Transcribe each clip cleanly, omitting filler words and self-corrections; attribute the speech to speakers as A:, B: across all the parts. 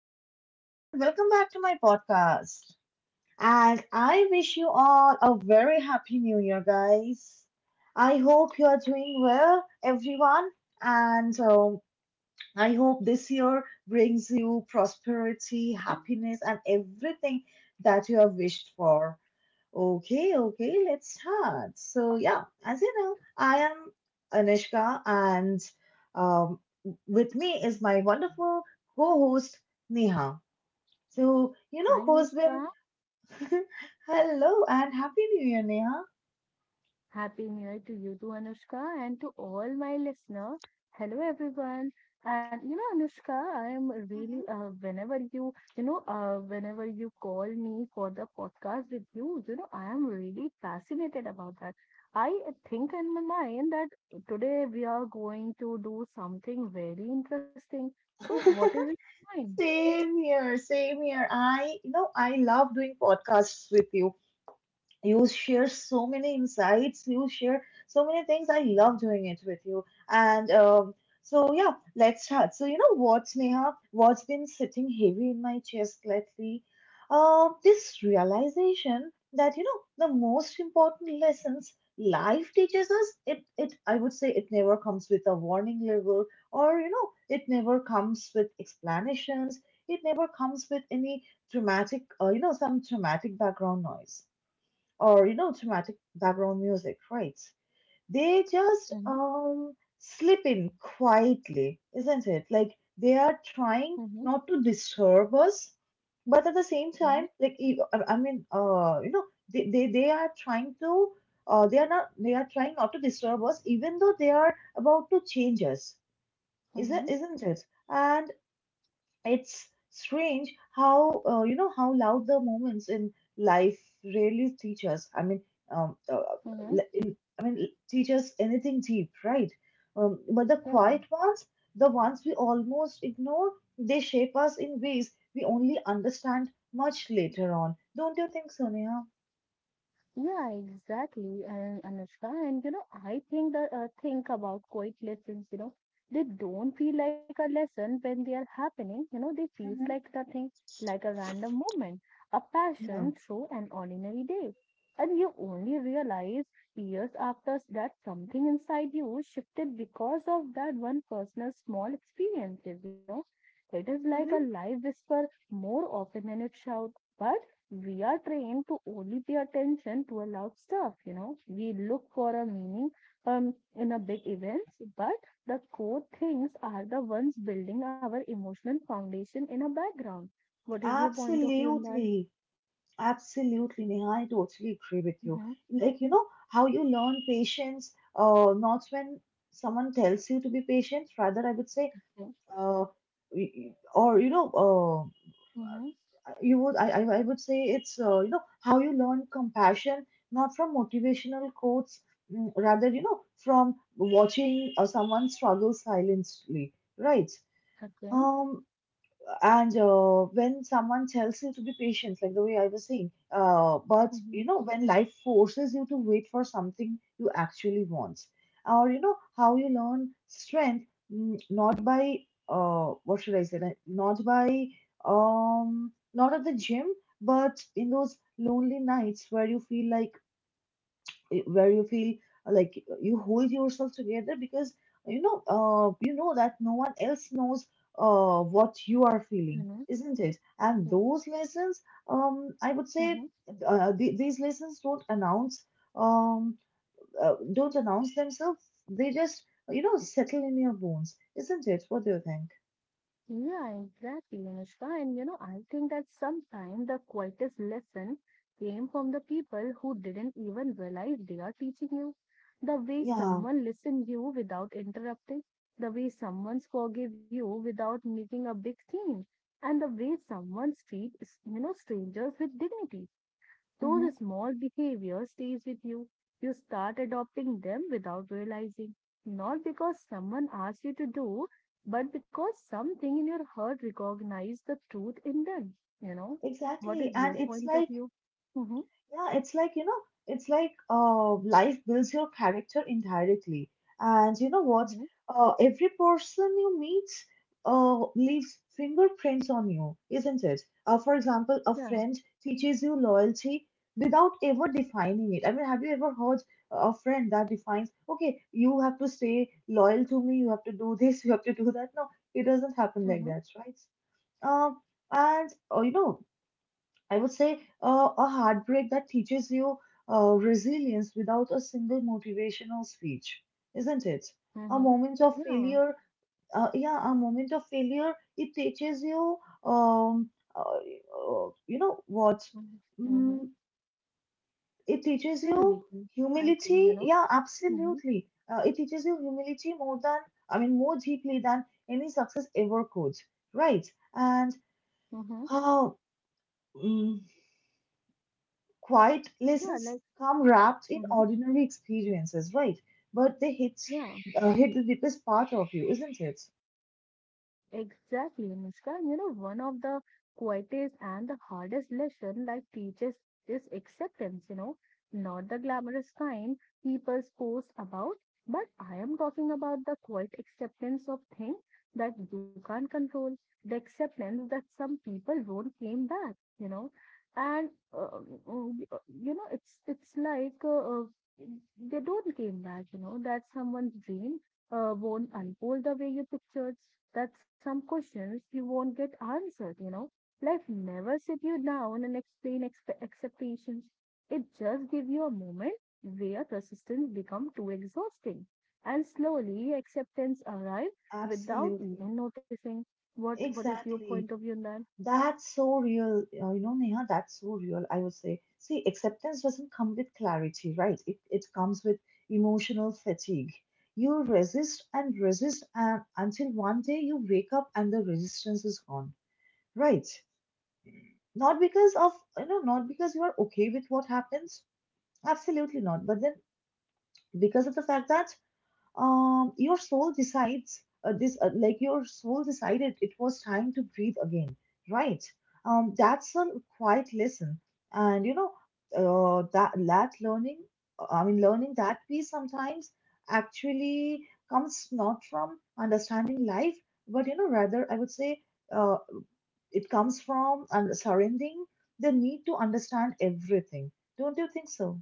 A: guys, and welcome back to my podcast. And I wish you all a very happy new year, guys. I hope you are doing well, everyone. And I hope this year brings you prosperity, happiness, and everything that you have wished for. Okay, okay, let's start. So, yeah, as you know, I am Anushka, and um, with me is my wonderful co host, Neha. So, you
B: Hi
A: know who's
B: Anushka,
A: been. Hello, and Happy New Year, Neha.
B: happy new year to you too, Anushka, and to all my listener. Hello everyone, and you know Anushka, I am really whenever you you know whenever you call me for the podcast with you, you know I am really fascinated about that. I think in my mind that today we are going to do something very interesting.
A: Mhm.
B: So what is it? Mine.
A: Same here, same here. I, you know, I love doing podcasts with you, you share so many insights, you share so many things, I love doing it with you. And so yeah, let's start. So you know what, Neha, what's been sitting heavy in my chest lately, this realization that you know the most important lessons life teaches us, it I would say it never comes with a warning label, or you know it never comes with explanations, it never comes with any dramatic you know, some dramatic background noise, or you know dramatic background music, right? They just
B: Mm-hmm,
A: slip in quietly, isn't it? Like they are trying
B: mm-hmm,
A: not to disturb us, but at the same
B: mm-hmm,
A: time, I mean, you know, they are trying to they are not, they are trying not to disturb us, even though they are about to change us,
B: mm-hmm,
A: isn't it? And it's strange how, you know, how loud the moments in life really teach us. I mean, um, uh, uh,
B: mm-hmm.
A: I mean, teach us anything deep, right? But the
B: Yeah,
A: quiet ones, the ones we almost ignore, they shape us in ways we only understand much later on. Don't you think, Sonia?
B: yeah, exactly. And Anushka, and you know, I think that think about quiet lessons, you know, they don't feel like a lesson when they are happening. You know, they feels
A: Hmm
B: like nothing, like a random moment, a
A: Yeah.
B: passion through an ordinary day. And you only realize years after that something inside you shifted because of that one personal small experiences, you know. It is like a
A: hmm
B: live whisper more often than it shout. But we are trained to only pay attention to a loud stuff, you know, we look for a meaning in a big events, but the core things are the ones building our emotional foundation in a background. What is your point of view in that?
A: Absolutely. Absolutely, Neha, I totally agree with you.
B: Mm-hmm.
A: Like, you know, how you learn patience, not when someone tells you to be patient, rather, I would say,
B: Yeah.
A: uh, or, you know,
B: Mm-hmm.
A: you would, I would say it's, you know, how you learn compassion, not from motivational quotes, mm, rather, you know, from watching someone struggle silently, right?
B: Okay.
A: Um, and when someone tells you to be patient like the way I was saying, but you
B: Mm-hmm.
A: know, when life forces you to wait for something you actually want, or you know how you learn strength, mm, not by what should I say, like, not by not at the gym, but in those lonely nights where you feel like, where you feel like you hold yourself together because you know, you know that no one else knows what you are feeling,
B: Mm-hmm.
A: isn't it? And
B: Yeah.
A: those lessons, I would say,
B: Mm-hmm.
A: these lessons don't announce, um, don't announce themselves, they just you know settle in your bones, isn't it? What do you think?
B: Yeah, exactly, Anushka. And you know, I think that sometimes the quietest lesson came from the people who didn't even realize they are teaching you. The way
A: Yeah
B: someone listened you without interrupting, the way someone forgave you without making a big scene, and the way someone treat, you know, strangers with dignity.
A: hmm
B: Those small behaviors stays with you. You start adopting them without realizing, not because someone asked you to do, but because something in your heart recognized the truth in them. You know, what
A: exactly
B: is your
A: and it's
B: point of
A: like
B: view? Mm-hmm.
A: Yeah, it's like, you know, it's like, life builds your character indirectly. And you know what?
B: Mm-hmm.
A: Every person you meet leaves fingerprints on you, isn't it? For example, a
B: Yeah.
A: friend teaches you loyalty without ever defining it. I mean, have you ever heard a friend that defines, okay, you have to stay loyal to me, you have to do this, you have to do that? No, it doesn't happen
B: Mm-hmm.
A: like that, right? Um, and, you know, I would say, a heartbreak that teaches you resilience without a single motivational speech, isn't it? A
B: Mm-hmm.
A: moment of
B: Yeah.
A: failure, yeah, a moment of failure, it teaches you, you know what?
B: Mm-hmm. Mm-hmm.
A: Mm, it teaches
B: You believe
A: you
B: me. I think, you
A: humility.
B: know.
A: Yeah,
B: Mm-hmm.
A: absolutely. It teaches you humility more than, I mean, more deeply than any success ever could, right? And
B: Mm-hmm.
A: how. Quiet
B: Yeah, like,
A: lessons come wrapped in
B: mm-hmm.
A: ordinary experiences, right? But they hit,
B: Yeah.
A: hit the deepest part of you, isn't it?
B: Exactly, Muskan. You know, one of the quietest and the hardest lesson life teaches is acceptance, you know, not the glamorous kind people post about, but I am talking about the quiet acceptance of things that you can't control, the acceptance that some people won't came back, you know, and um, you know, it's like they don't came back, you know, that someone's dream won't unfold the way you pictured, that some questions you won't get answered, you know. Life never sit you down and explain expectations. It just give you a moment where resistance become too exhausting. And slowly acceptance arrive without
A: Absolutely.
B: even noticing. What is your point
A: Exactly.
B: of view on that?
A: That's so real. You know, Neha, that's so real, I would say. See, acceptance doesn't come with clarity, right? It comes with emotional fatigue. You resist and resist and until one day you wake up and the resistance is gone, right? Not because of, you know, not because you are okay with what happens, absolutely not. But then, because of the fact that your soul decides, like your soul decided it was time to breathe again, right? That's a quiet lesson, and you know, that learning, I mean, learning that we sometimes actually comes not from understanding life, but you know, rather I would say, uh, it comes from and surrendering the need to understand everything. Don't you think so?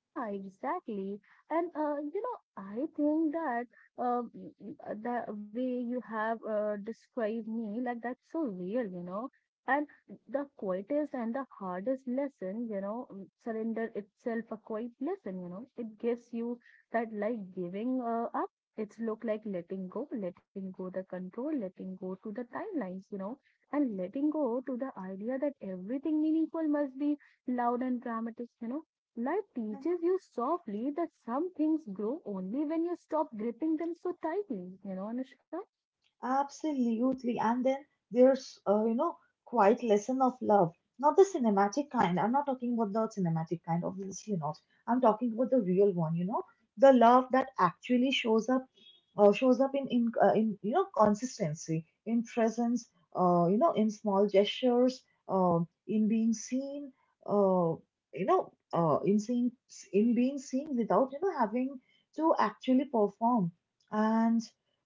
B: Yeah, exactly. And you know, I think that the way you have described me, like that's so real, you know. And the quietest and the hardest lesson, you know, mm, surrender itself a quiet lesson, you know. It gives you that like giving up. It's look like letting go the control, letting go to the timelines, you know, and letting go to the idea that everything meaningful must be loud and dramatic, you know. Life teaches you softly that some things grow only when you stop gripping them so tightly, you know, Anushka?
A: Absolutely. And then there's, you know, quite lesson of love. Not the cinematic kind. I'm not talking about the cinematic kind, obviously not. I'm talking about the real one, you know, the love that actually shows up in you know, consistency, in presence, you know, in small gestures, uh, in being seen, uh, you know, in seeing, in being seen without, you know, having to actually perform. And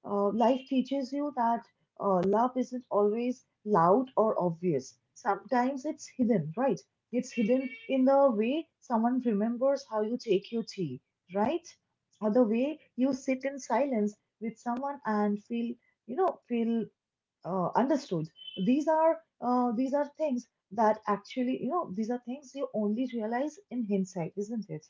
A: life teaches you that love isn't always loud or obvious. Sometimes it's hidden, right? It's hidden in the way someone remembers how you take your tea, right? Or the way you sit in silence with someone and feel, you know, feel, understood. These are, these are things that actually, you know, these are things you only realize in hindsight, isn't it?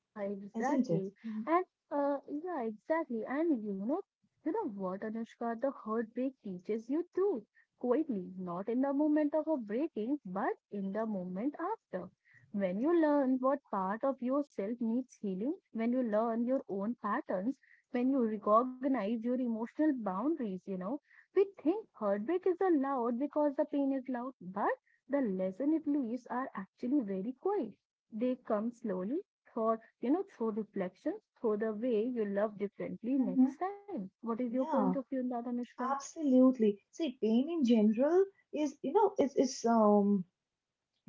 B: Yeah,
A: Isn't it?
B: exactly.
A: Mhm.
B: And yeah, exactly. And you know what, Anushka, the heartbreak teaches you too, quietly, not in the moment of a breaking, but in the moment after. When you learn what part of yourself needs healing, when you learn your own patterns, when you recognize your emotional boundaries, you know, we think heartbreak is allowed because the pain is loud, but the lesson it leaves are actually very quiet. They come slowly thought, you know, through reflections, through the way you love differently
A: Mm-hmm.
B: next time. What is your point of
A: Yeah.
B: view on that, Anushka?
A: Absolutely. See, pain in general is, you know, it's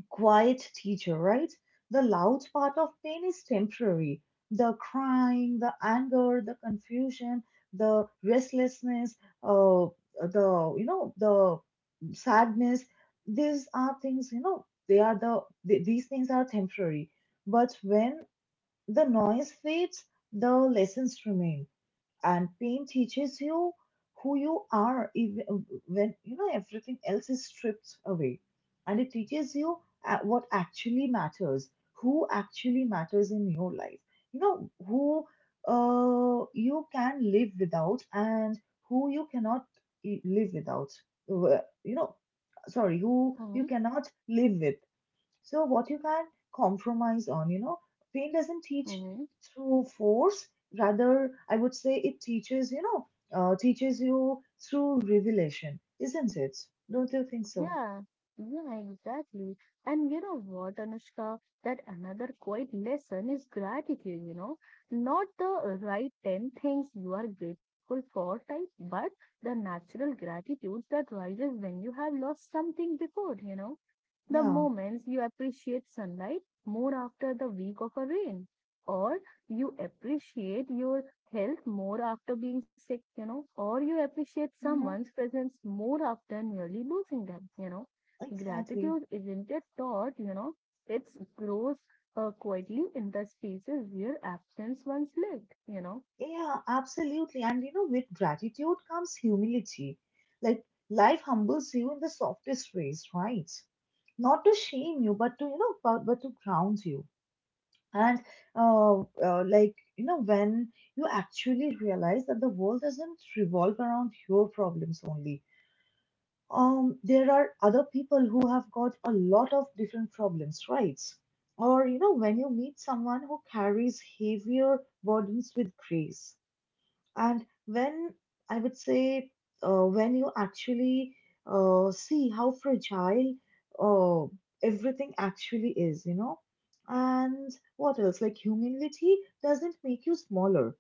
A: quiet teacher, right? The loud part of pain is temporary. The crying, the anger, the confusion, the restlessness, uh, the you know, the sadness. These are things, you know, they are the these things are temporary. But when the noise fades, the lessons remain and pain teaches you who you are even, when you know everything else is stripped away, and it teaches you, what actually matters, who actually matters in your life, you know, who, you can live without and who you cannot live without. You know, sorry, who
B: Mm-hmm.
A: you cannot live with, so what you can compromise on, you know, pain doesn't teach
B: Mm-hmm.
A: through force. Rather, I would say it teaches, you know, teaches you through revelation, isn't it? Don't you think so?
B: Yeah, yeah, exactly. And you know what, Anushka? That another quiet lesson is gratitude, you know, not the right 10 things you are grateful for type, but the natural gratitudes that rises when you have lost something before, you know. The
A: Yeah.
B: moments you appreciate sunlight more after the week of a rain, or you appreciate your health more after being sick, you know, or you appreciate
A: Mm-hmm.
B: someone's presence more after nearly losing them, you know.
A: Exactly.
B: Gratitude isn't a thought, you know, it grows quietly in the spaces where absence once lived, you know.
A: Yeah, absolutely. And you know, with gratitude comes humility. Like life humbles you in the softest ways, right? Not to shame you, but to you know, but to ground you, and like you know, when you actually realize that the world doesn't revolve around your problems only, there are other people who have got a lot of different problems, right? Or you know, when you meet someone who carries heavier burdens with grace, and when I would say, when you actually see how fragile, uh, everything actually is, you know, and what else? Like humility doesn't make you smaller.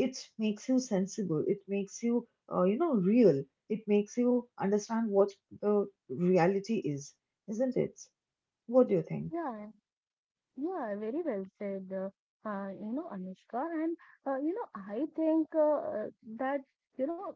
A: It makes you sensible. It makes you, you know, real. It makes you understand what the reality is, isn't it? What do you think?
B: Yeah, yeah, very well said, you know, Anushka. And, you know, I think that, you know,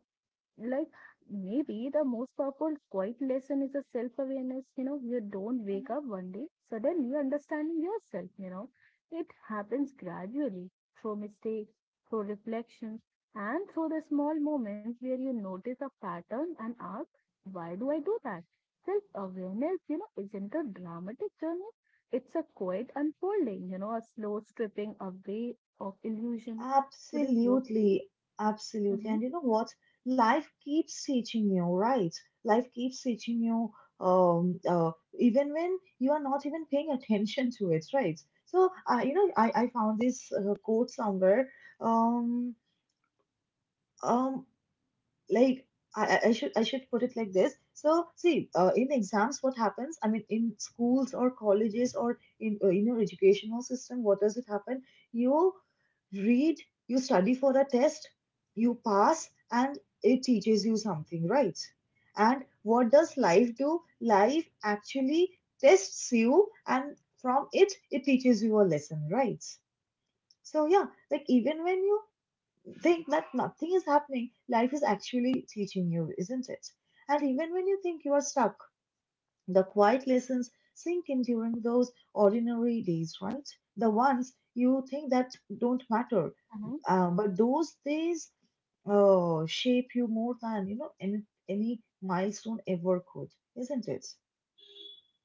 B: like maybe the most powerful quiet lesson is a self-awareness, you know, you don't wake up one day suddenly understanding yourself, you know, it happens gradually through mistakes, through reflections, and through the small moments where you notice a pattern and ask, why do I do that? Self-awareness, you know, isn't a dramatic journey. It's a quiet unfolding, you know, a slow stripping away of illusion. What is your
A: Absolutely, absolutely.
B: Mhm,
A: And you know what? Life keeps teaching you, right? Life keeps teaching you, um, uh, even when you are not even paying attention to it, right? So, I you know, I found this quote somewhere. Um, um, like I should put it like this. So see, in exams, what happens? I mean, in schools or colleges or in your educational system, what does it happen? You read, you study for a test, you pass, and it teaches you something, right? And what does life do? Life actually tests you, and from it, it teaches you a lesson, right? So yeah, like even when you think that nothing is happening, life is actually teaching you, isn't it? And even when you think you are stuck, the quiet lessons sink in during those ordinary days, right? The ones you think that don't matter,
B: mhm.
A: but those days shape you more than you know, any milestone ever could, isn't it?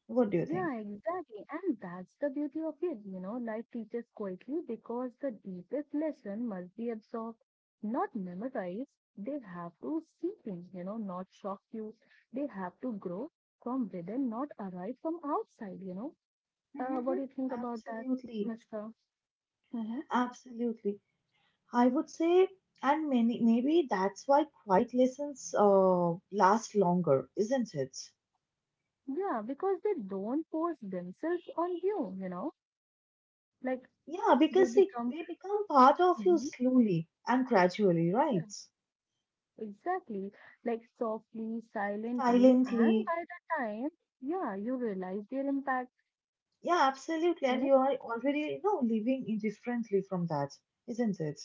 A: What do you think?
B: Yeah, exactly. And that's the beauty of it. You know, life teaches quietly because the deepest lesson must be absorbed, not memorized. They have to sink in, you know, not shock you. They have to grow from within, not arrive from outside, you know. What do
A: Hmm
B: you think about that,
A: Absolutely,
B: Mr. Mm-hmm.
A: absolutely. I would say, and many, maybe that's why quiet lessons last longer, isn't it?
B: Yeah, because they don't force themselves on you, you know, like
A: Yeah,
B: they
A: because see,
B: become.
A: they become part of you
B: Mhm.
A: slowly and gradually, right?
B: Exactly, like softly, silently, and
A: Silently.
B: by the time, yeah, you realize their impact,
A: Yeah, absolutely.
B: you
A: And
B: know,
A: you are already, you know, living indifferently from that, isn't it?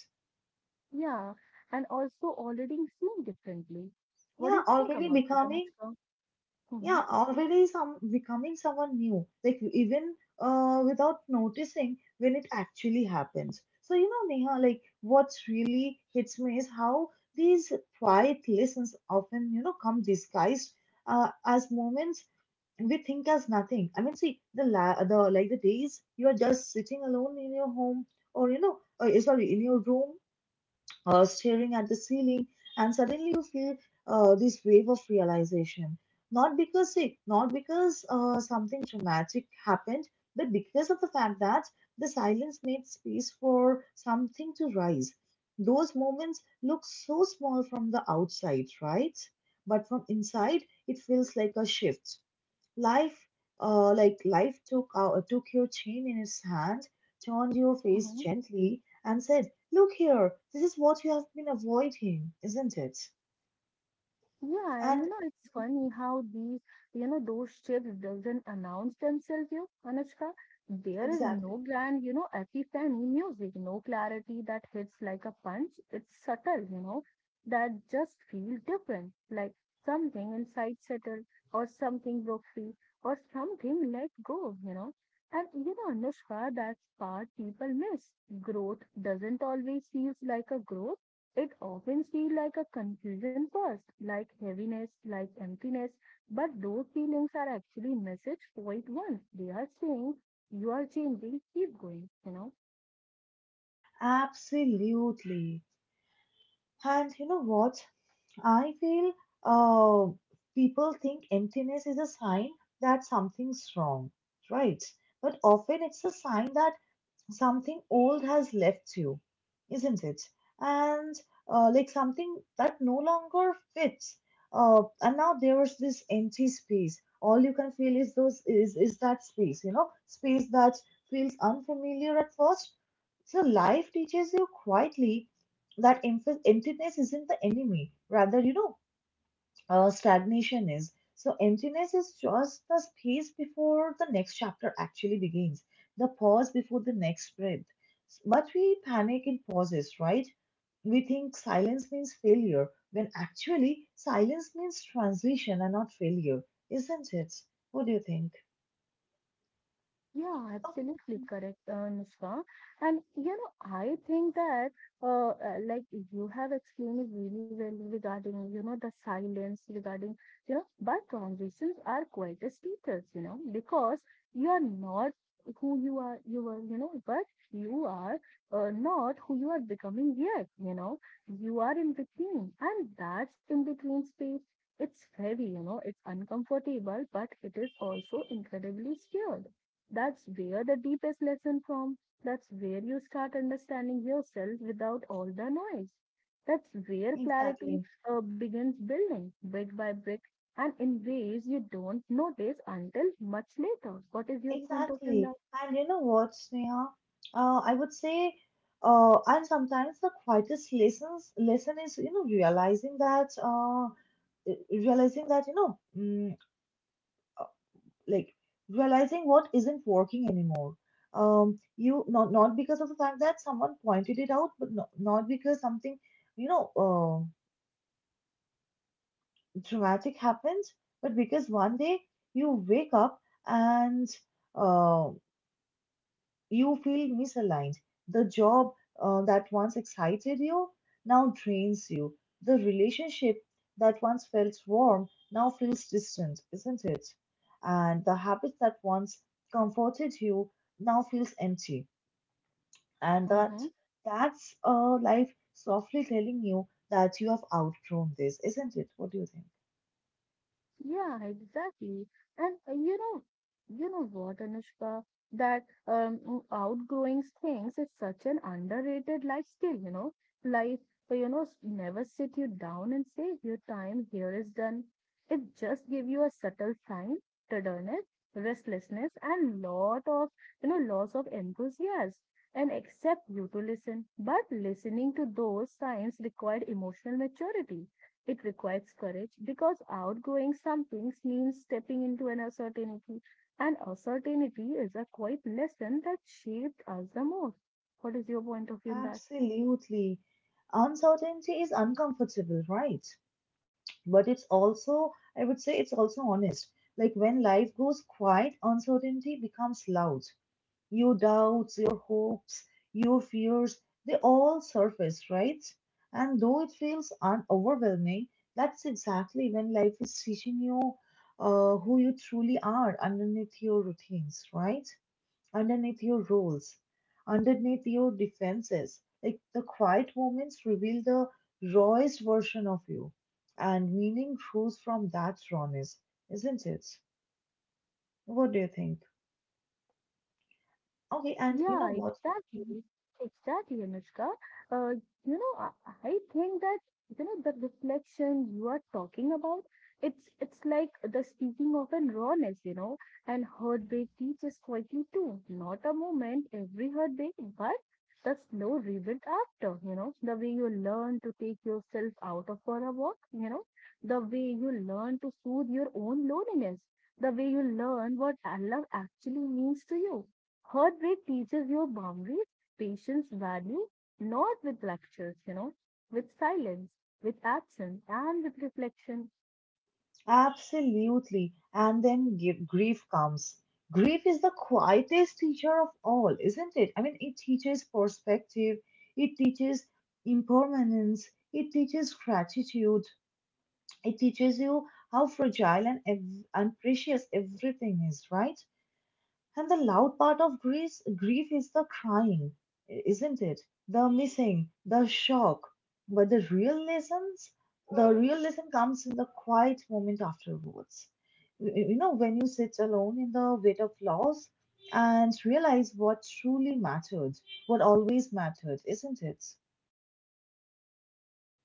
B: yeah, and also already seen differently. What do
A: Yeah,
B: you think
A: already
B: about that,
A: becoming.
B: Anushka? Mm-hmm,
A: Yeah already some becoming someone new, like even without noticing when it actually happens. So you know, Neha, like what really hits me is how these quiet lessons often, you know, come disguised as moments we think as nothing. I mean, see, the la- the like the days you are just sitting alone in your home or, you know, sorry, in your room, staring at the ceiling, and suddenly you feel this wave of realization. Not because sick, not because something dramatic happened, but because of the fact that the silence made space for something to rise. Those moments look so small from the outside, right? But from inside, it feels like a shift. Life, like life took out, took your chin in its hand, turned your face
B: mm-hmm.
A: gently, and said, "Look here, this is what you have been avoiding, isn't it?"
B: Yeah, and
A: And
B: you know, it's
A: mm-hmm,
B: funny how these, you know, those shifts doesn't announce themselves, you, Anushka. There is
A: exactly,
B: no grand, you know, epiphany music, no clarity that hits like a punch. It's subtle, you know, that just feels different, like something inside settled, or something broke free, or something let go, you know. And you know, Anushka, that's part people miss. Growth doesn't always feels like a growth, it often feels like a confusion first, like heaviness, like emptiness, but those feelings are actually message quite. They are saying, you are changing, keep going, you know.
A: absolutely. And you know what? I feel uh, people think emptiness is a sign that something's wrong, right? But often it's a sign that something old has left you, isn't it? And like something that no longer fits. And now there's this empty space. All you can feel is those is that space, you know, space that feels unfamiliar at first. So life teaches you quietly that emptiness isn't the enemy. Rather, you know, stagnation is. So, emptiness is just the space before the next chapter actually begins, the pause before the next breath. But we panic in pauses, right? We think silence means failure, when actually silence means transition and not failure, isn't it? What do you think?
B: Yeah,
A: Okay,
B: absolutely correct, Nushka. And you know, I think that like you have explained it really well regarding you know the silence, regarding you know, but transitions are quite as teachers, you know, because you are not who you are, you were, you know, but you are not who you are becoming yet. You know, you are in between, and that's in between space. It's heavy, you know, it's uncomfortable, but it is also incredibly scared, that's where the deepest lesson from. That's where you start understanding yourself without all the noise. That's where clarity
A: exactly,
B: begins building brick by brick and in ways you don't notice until much later. What is your point of view
A: exactly.
B: on
A: And you know what, Sneha? I would say, and sometimes the quietest lesson is, you know, realizing that realizing that, you know, like realizing what isn't working anymore, you, not because of the fact that someone pointed it out, but not because something, you know, dramatic happens, but because one day you wake up and uh, you feel misaligned. The job that once excited you now drains you. The relationship that once felt warm now feels distant, isn't it? And the habit that once comforted you now feels empty. And
B: that?
A: that
B: Mhm.
A: that's uh, life softly telling you that you have outgrown this, isn't it? What do you think?
B: Yeah, exactly. And you know what, Anushka, that outgrowing things is such an underrated life skill, you know. Life, you know, never sit you down and say your time here is done. It just give you a subtle sign, tenderness, restlessness, and lot of, you know, loss of enthusiasm. And accept you to listen, but listening to those signs required emotional maturity, it requires courage because outgrowing some things means stepping into an uncertainty, and uncertainty is a quiet lesson that shaped us the most. What is your point of view in that?
A: Absolutely. Uncertainty is uncomfortable, right? But it's also, I would say, it's also honest. Like when life goes quiet, uncertainty becomes loud. Your doubts, your hopes, your fears, they all surface, right? And though it feels overwhelming, that's exactly when life is teaching you who you truly are underneath your routines, right? Underneath your roles, underneath your defenses. Like the quiet moments reveal the rawest version of you, and meaning grows from that rawness, isn't it? What do you think? Okay, and you know
B: Yeah,
A: what? Mhm.
B: exactly. Exactly, Anushka. Uh, you know, I think that you know the reflection you are talking about, it's like the speaking of an rawness, you know, and heartbreak teaches quietly too. Not a moment, every heartbreak, but the slow rebuild after, you know, the way you learn to take yourself out of for a walk, you know, the way you learn to soothe your own loneliness, the way you learn what love actually means to you. Heartbreak teaches you boundaries, patience, value, not with lectures, you know, with silence, with absence, and with reflection.
A: Absolutely. And then grief comes. Grief is the quietest teacher of all, isn't it? I mean, it teaches perspective, it teaches impermanence, it teaches gratitude. It teaches you how fragile and, and precious everything is, right? And the loud part of grief, grief is the crying, isn't it? The missing, the shock. But the real lesson comes in the quiet moment afterwards. You know, when you sit alone in the weight of loss and realize what truly mattered, what always mattered, isn't it?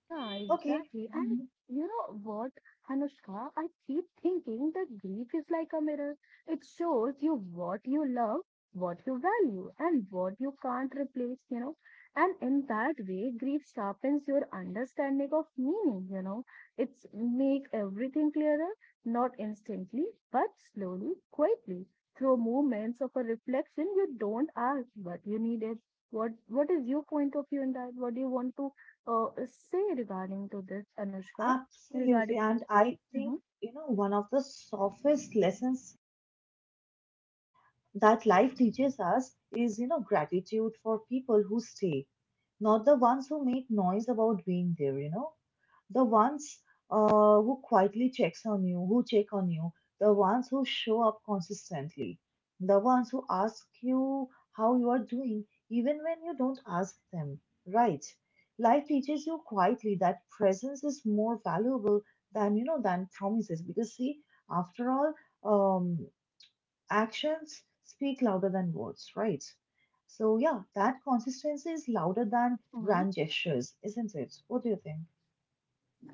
B: Yeah,
A: Okay,
B: exactly. And you know what, Anushka, I keep thinking that grief is like a mirror. It shows you what you love, what you value, and what you can't replace, you know. And in that way, grief sharpens your understanding of meaning, you know. It's make everything clearer, not instantly, but slowly, quietly, through moments of a reflection you don't ask, but you need it. What is your point of view in that? What do you want to say regarding to this, Anushka, regarding
A: absolutely. And I think,
B: hmm
A: you know, one of the softest lessons that life teaches us is, you know, gratitude for people who stay, not the ones who make noise about being there, you know, the ones who check on you, the ones who show up consistently, the ones who ask you how you are doing, even when you don't ask them, right? Life teaches you quietly that presence is more valuable than, you know, than promises, because see, after all, um, actions speak louder than words, right? So, yeah, that consistency is louder than
B: hmm.
A: grand gestures, isn't it? What do you think?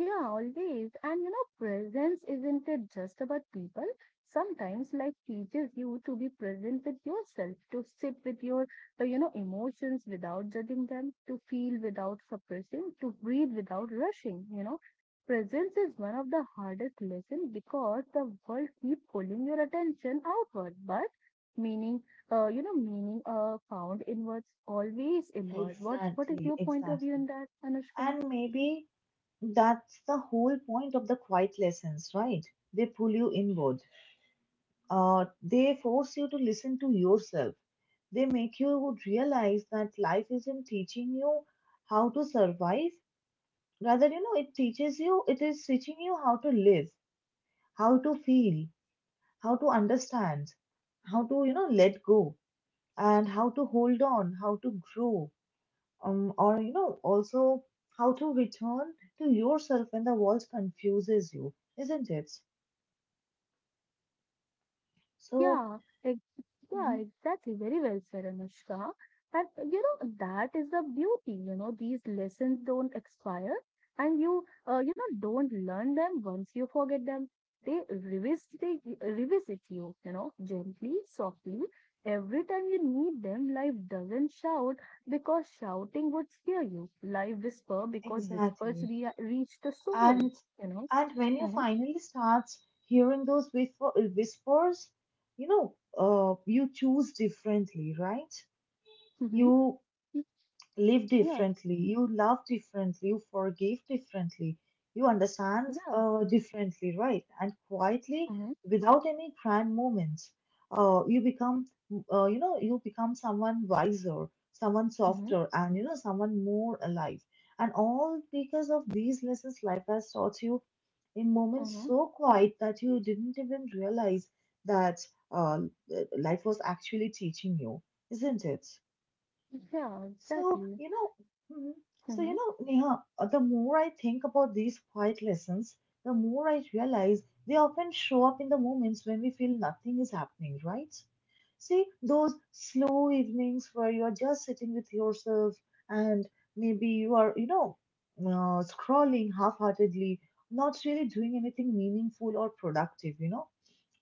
B: Yeah, always. And you know, presence isn't it just about people? Sometimes life teaches you to be present with yourself, to sit with your, you know, emotions without judging them, to feel without suppressing, to breathe without rushing. You know, presence is one of the hardest lessons because the world keeps pulling your attention outward, but meaning, you know, meaning found inwards, always inward. What is
A: Exactly,
B: your point of view
A: exactly.
B: in that, Anushka?
A: And maybe that's the whole point of the quiet lessons, right? They pull you inward. They force you to listen to yourself. They make you realize that life isn't teaching you how to survive. Rather, you know, it teaches you, it is teaching you how to live, how to feel, how to understand, how to, you know, let go, and how to hold on, how to grow, or, you know, also how to return to yourself when the world confuses you, isn't it? So,
B: Yeah, ex- yeah,
A: mhm,
B: exactly. Very well said, Anushka. And that is the beauty, these lessons don't expire and you don't learn them once you forget them. They revisit you, gently, softly. Every time you need them, life doesn't shout because shouting would scare you. Life whisper because whispers
A: exactly.
B: re reach the soul,
A: And
B: you know.
A: and when you
B: Uh-huh.
A: finally start hearing those whispers, you know, you choose differently, right?
B: Mm-hmm.
A: You live
B: Yeah,
A: differently, you love differently, you forgive differently, you understand
B: yeah.
A: differently, right? And quietly,
B: Mm-hmm.
A: without any grand moments, uh, you become, you know, you become someone wiser, someone
B: Mm-hmm.
A: softer, and, you know, someone more alive. And all because of these lessons life has taught you in
B: Mm-hmm.
A: moments so quiet that you didn't even realize that uh, life was actually teaching you, isn't it?
B: Yeah,
A: So,
B: exactly.
A: you know, mhm. So, you
B: Mm-hmm,
A: know, Neha, the more I think about these quiet lessons, the more I realize they often show up in the moments when we feel nothing is happening, right? See, those slow evenings where you're just sitting with yourself, and maybe you are, you know, scrolling half heartedly, not really doing anything meaningful or productive, you know,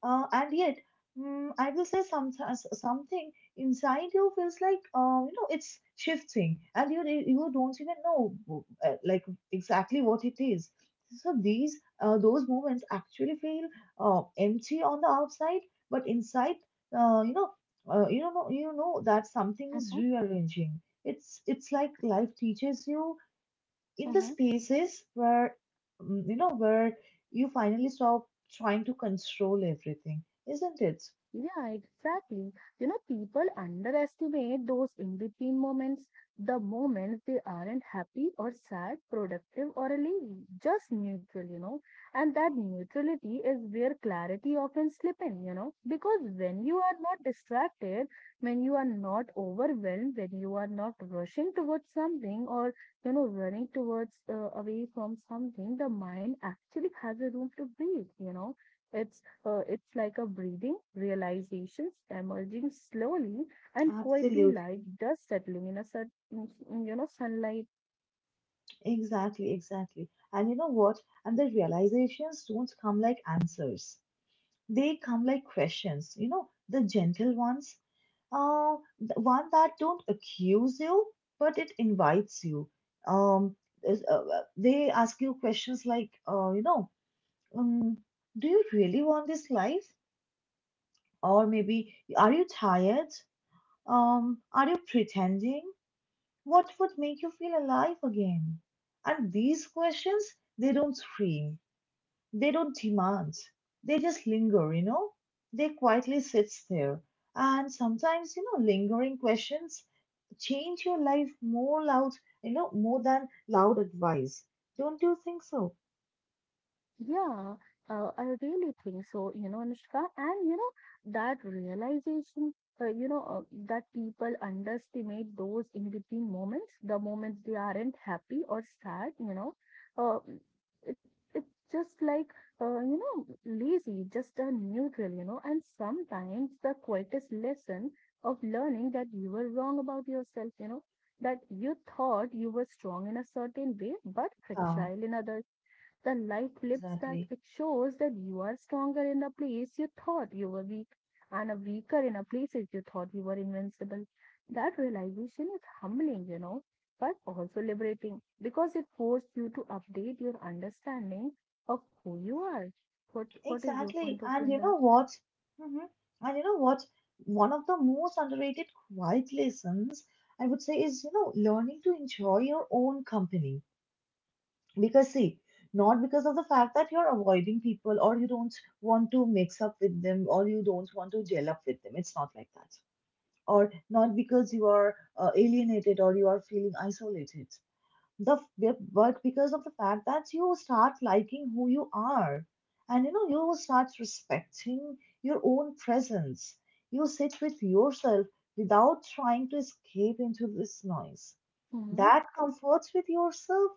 A: and yet, I will say sometimes something inside you feels like, you know, it's shifting, and you don't even know, like exactly what it is. So these those moments actually feel empty on the outside, but inside, uh, you know, you know that something is
B: mm-hmm,
A: rearranging. It's like life teaches you in the
B: mm-hmm.
A: spaces where, you know, where you finally stop trying to control everything, isn't it?
B: Yeah, exactly. You know, people underestimate those in between moments, the moments they aren't happy or sad, productive or relieved, just neutral. And that neutrality is where clarity often slip in, because when you are not distracted, when you are not overwhelmed, when you are not rushing towards something or, running towards away from something, the mind actually has a room to breathe. It's it's like a breathing, realizations emerging slowly and quietly like
A: Absolutely.
B: dust settling in a certain sunlight.
A: Exactly, exactly. And you know what? And the realizations don't come like answers, they come like questions, you know, the gentle ones, the one that don't accuse you but it invites you. um they ask you questions like, um do you really want this life? Or maybe, are you tired? Are you pretending? What would make you feel alive again? And these questions, they don't scream, they don't demand, they just linger, you know? They quietly sits there. And sometimes, you know, lingering questions change your life more loud, you know, more than loud advice. Don't you think so?
B: Yeah, I really think so, Anushka. And, that uh, you know, uh, that people underestimate those in between moments, the moments they aren't happy or sad, uh, it, it's just lazy, just a neutral, and sometimes the quietest lesson of learning that you were wrong about yourself, that you thought you were strong in a certain way, but
A: Yeah,
B: fragile in other the light flips back.
A: exactly.
B: It shows that you are stronger in the place you thought you were weak and a weaker in a places you thought you were invincible. That realization is humbling, but also liberating because it forced you to update your understanding of who you are. What is your
A: Exactly.
B: point of
A: And
B: view on
A: you know
B: that?
A: what? Mhm. And you know what? One of the most underrated quiet lessons, I would say, is, you know, learning to enjoy your own company. Because, see, not because of the fact that you're avoiding people or you don't want to mix up with them or you don't want to gel up with them. It's not like that. Or not because you are alienated or you are feeling isolated, but because of the fact that you start liking who you are, and you know, you start respecting your own presence. You sit with yourself without trying to escape into this noise
B: Mm-hmm,
A: that comforts with yourself.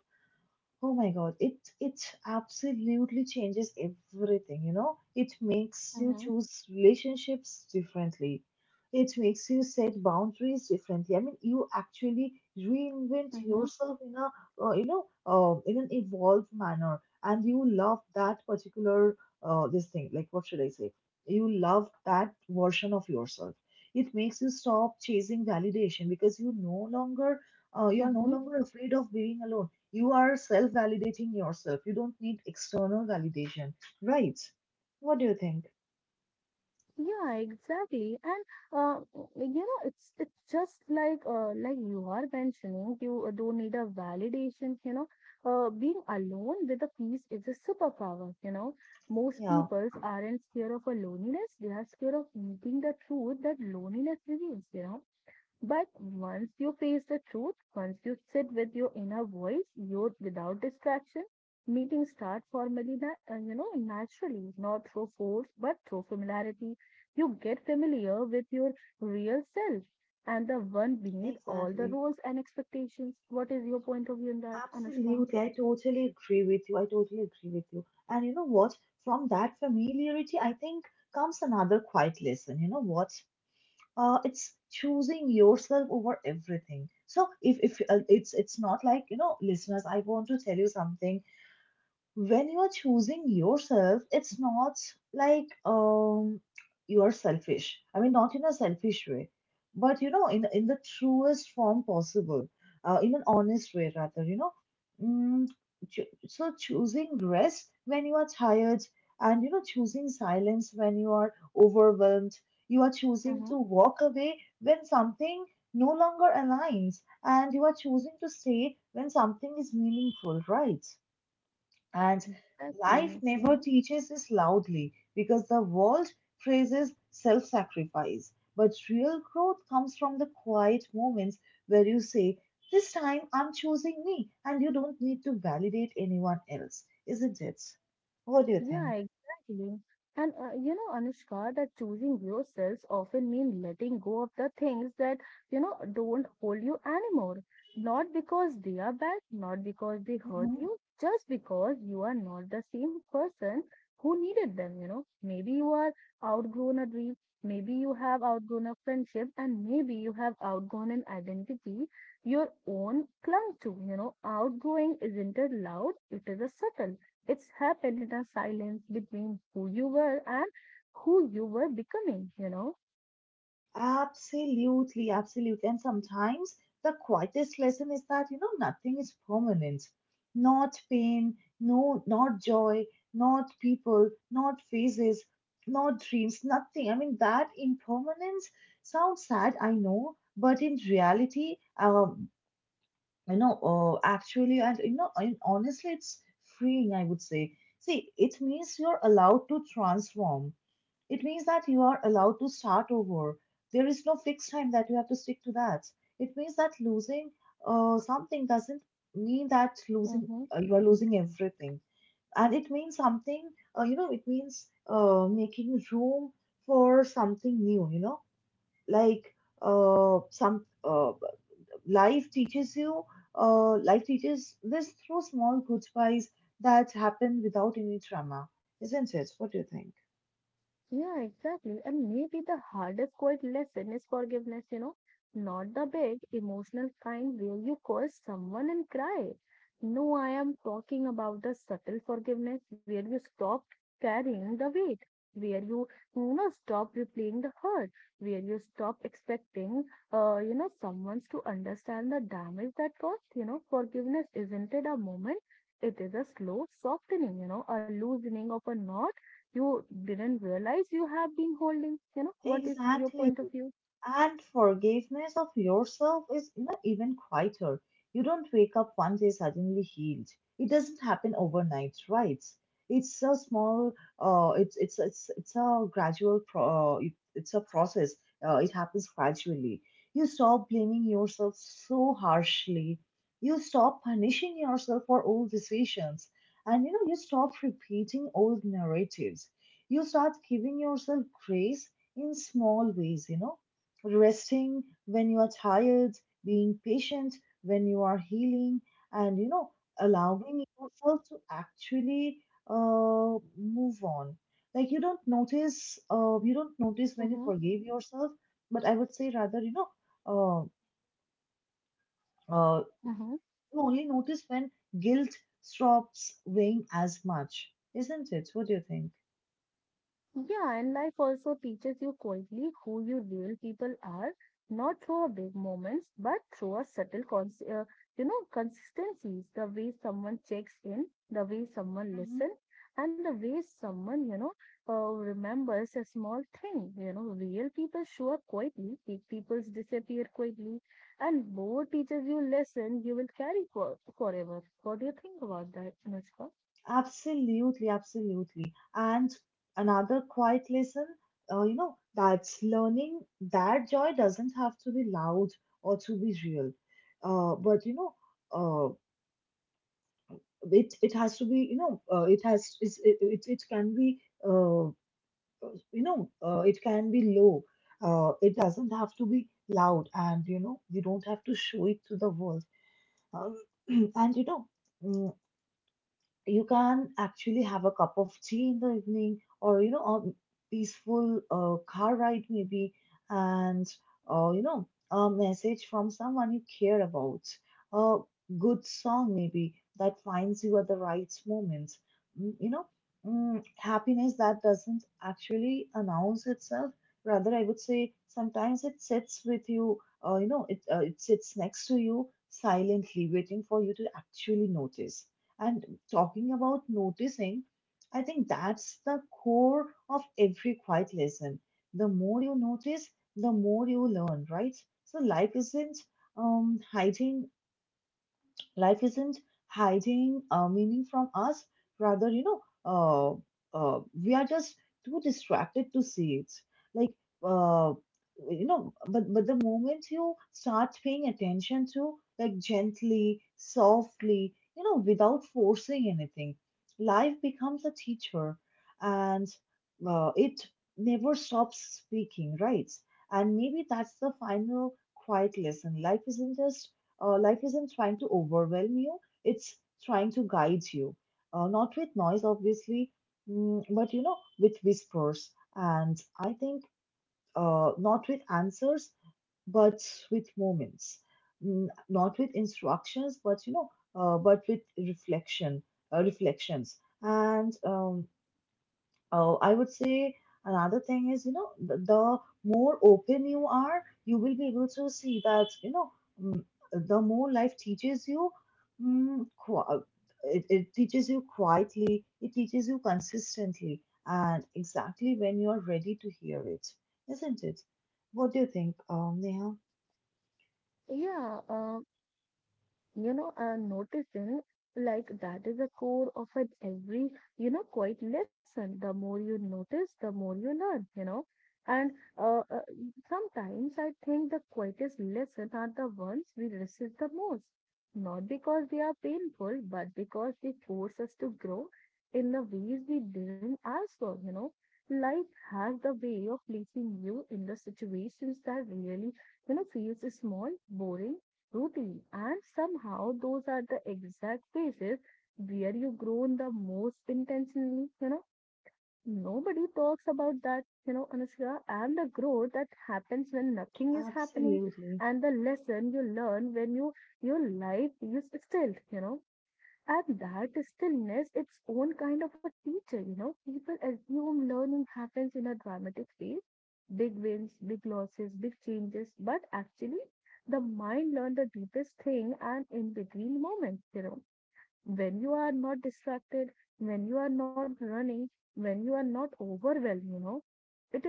A: Oh my God, it absolutely changes everything, you know? It makes you
B: mm-hmm,
A: choose relationships differently. It makes you set boundaries differently. I mean, you actually reinvent
B: mm-hmm,
A: yourself in a, in an evolved manner, and you love that particular this thing. Like, what should I say? You love that version of yourself. It makes you stop chasing validation because you are no
B: mm-hmm.
A: longer afraid of being alone. You are self validating yourself. You don't need external validation, right? What do you think?
B: Yeah, exactly. And uh, it's just like you are mentioning, you don't need a validation. Being alone with a piece is a superpower. Most
A: Yeah,
B: peoples aren't scared of a loneliness, they are scared of meeting the truth that loneliness reveals. But once you face the truth, once you sit with your inner voice, you without distraction, meetings start formally, naturally, not through force, but through familiarity. You get familiar with your real self and the one beneath all the
A: exactly.
B: rules and expectations. What is your point of view on that, Anushka?
A: Absolutely. I totally agree with you. I totally agree with you. And you know what? From that familiarity, I think comes another quiet lesson. You know what? It's choosing yourself over everything. So if it's not like, you know, listeners, I want to tell you something. When you are choosing yourself, it's not like you are selfish. I mean, not in a selfish way, but, you know, in the truest form possible, in an honest way rather. You know, mm, so choosing rest when you are tired, and, you know, choosing silence when you are overwhelmed. You are choosing
B: Mm-hmm.
A: to walk away when something no longer aligns, and you are choosing to stay when something is meaningful, right? And
B: Exactly.
A: life never
B: Mm-hmm.
A: teaches this loudly because the world praises self sacrifice. But real growth comes from the quiet moments where you say, "This time I'm choosing me," and you don't need to validate anyone else, isn't it? What do you
B: Yeah,
A: think?
B: exactly. And Anushka, that choosing yourself often means letting go of the things that don't hold you anymore. Not because they are bad, not because they hurt you, just because you are not the same person who needed them. Maybe you are outgrown a dream, maybe you have outgrown a friendship, and maybe you have outgrown an identity your own clung to. Outgrowing isn't a loud, it is a subtle it's happened in a silence between who you were and who you were becoming.
A: Absolutely, absolutely. And sometimes the quietest lesson is that, you know, nothing is permanent. Not pain, no, not joy, not people, not faces, not dreams, nothing. I mean, that impermanence sounds sad, I know, but in reality, you know, actually, and you know, and honestly, it's freeing, I would say. See, it means you're allowed to transform, it means that you are allowed to start over. There is no fixed time that you have to stick to that. It means that losing something doesn't mean that losing
B: Mm-hmm.
A: you are losing everything. And it means something. It means making room for something new, you know, like some life teaches you, life teaches this through small goodbyes that happen without any trauma, isn't it? What do you think?
B: Yeah, exactly. And maybe the hardest quiet lesson is forgiveness, not the big emotional kind where you curse someone and cry. No, I am talking about the subtle forgiveness where you stop carrying the weight, where you stop replaying the hurt, where you stop expecting, someone to understand the damage that caused. Forgiveness isn't it a moment, it is a slow softening, a loosening of a knot you didn't realize you have been holding. What is your
A: Exactly.
B: point of view?
A: And forgiveness of yourself is, you know, even quieter. You don't wake up one day suddenly healed. It doesn't happen overnight, right? It's a small, it's a gradual pro. It- it's a process. It happens gradually. You stop blaming yourself so harshly. You stop punishing yourself for old decisions, and you know you stop repeating old narratives. You start giving yourself grace in small ways. You know, resting when you are tired, being patient when you are healing, and you know, allowing yourself to actually move on. You don't notice when you
B: Mm-hmm.
A: forgive yourself, but I would say rather, uh, uh,
B: Mm-hmm.
A: you only notice when guilt stops weighing as much, isn't it? What do you think?
B: Yeah, and life also teaches you quietly who you real people are, not through our big moments, but through a subtle, consistencies. The way someone checks in, the way someone listens, and the way someone remembers a small thing. Real people show up quietly, fake people disappear quietly, and both teaches you lesson you will carry for forever. What do you think about that, Anushka?
A: Absolutely, absolutely. And another quiet lesson, you know, that's learning that joy doesn't have to be loud or to be real. But you know, uh, it it has to be, you know, it has it's, it can be, uh, you know, it can be low. It doesn't have to be loud, and you know, you don't have to show it to the world. Um, and you know. Mm, You can actually have a cup of tea in the evening, or you know, a peaceful car ride maybe, and you know, a message from someone you care about, a good song maybe that finds you at the right moment. Mm, you know Happiness that doesn't actually announce itself, rather I would say sometimes it sits with you. Uh, you know it, it sits next to you silently, waiting for you to actually notice. And talking about noticing, I think that's the core of every quiet lesson. The more you notice, the more you learn, right? So life isn't um, hiding Life isn't hiding meaning from us. Rather, we are just too distracted to see it. Like, uh, but the moment you start paying attention to, like, gently, softly, you know, without forcing anything, life becomes a teacher, and it never stops speaking, right? And maybe that's the final quiet lesson. Life isn't just life isn't trying to overwhelm you, it's trying to guide you. Not with noise, obviously, but you know, with whispers. And I think, not with answers, but with moments. Mm, not with instructions, but you know, but with reflections. And Oh, I would say another thing is, you know, the more open you are, you will be able to see that, you know, mm, the more life teaches you, mm, qui- it teaches you quietly, it teaches you consistently, and exactly when you're ready to hear it, isn't it? What do you think, Neha?
B: Yeah, and noticing like that is the core of it every quite lesson. The more you notice, the more you learn. And uh, uh, sometimes I think the quietest lessons are the ones we resist the most, not because they are painful, but because they force us to grow in the ways we didn't ask for. Life has the way of placing you in the situations that really feels small, boring routine. And somehow those are the exact phases where you grow the most intentionally. Nobody talks about that, Anushka, and the growth that happens when nothing is happening,
A: Absolutely,
B: and the lesson you learn when your life is still. And that stillness, its own kind of a teacher. People assume learning happens in a dramatic phase, big wins, big losses, big changes, but actually, the mind learns the deepest thing and in between moments. When you are not distracted, when you are not running, when you are not overwhelmed, it is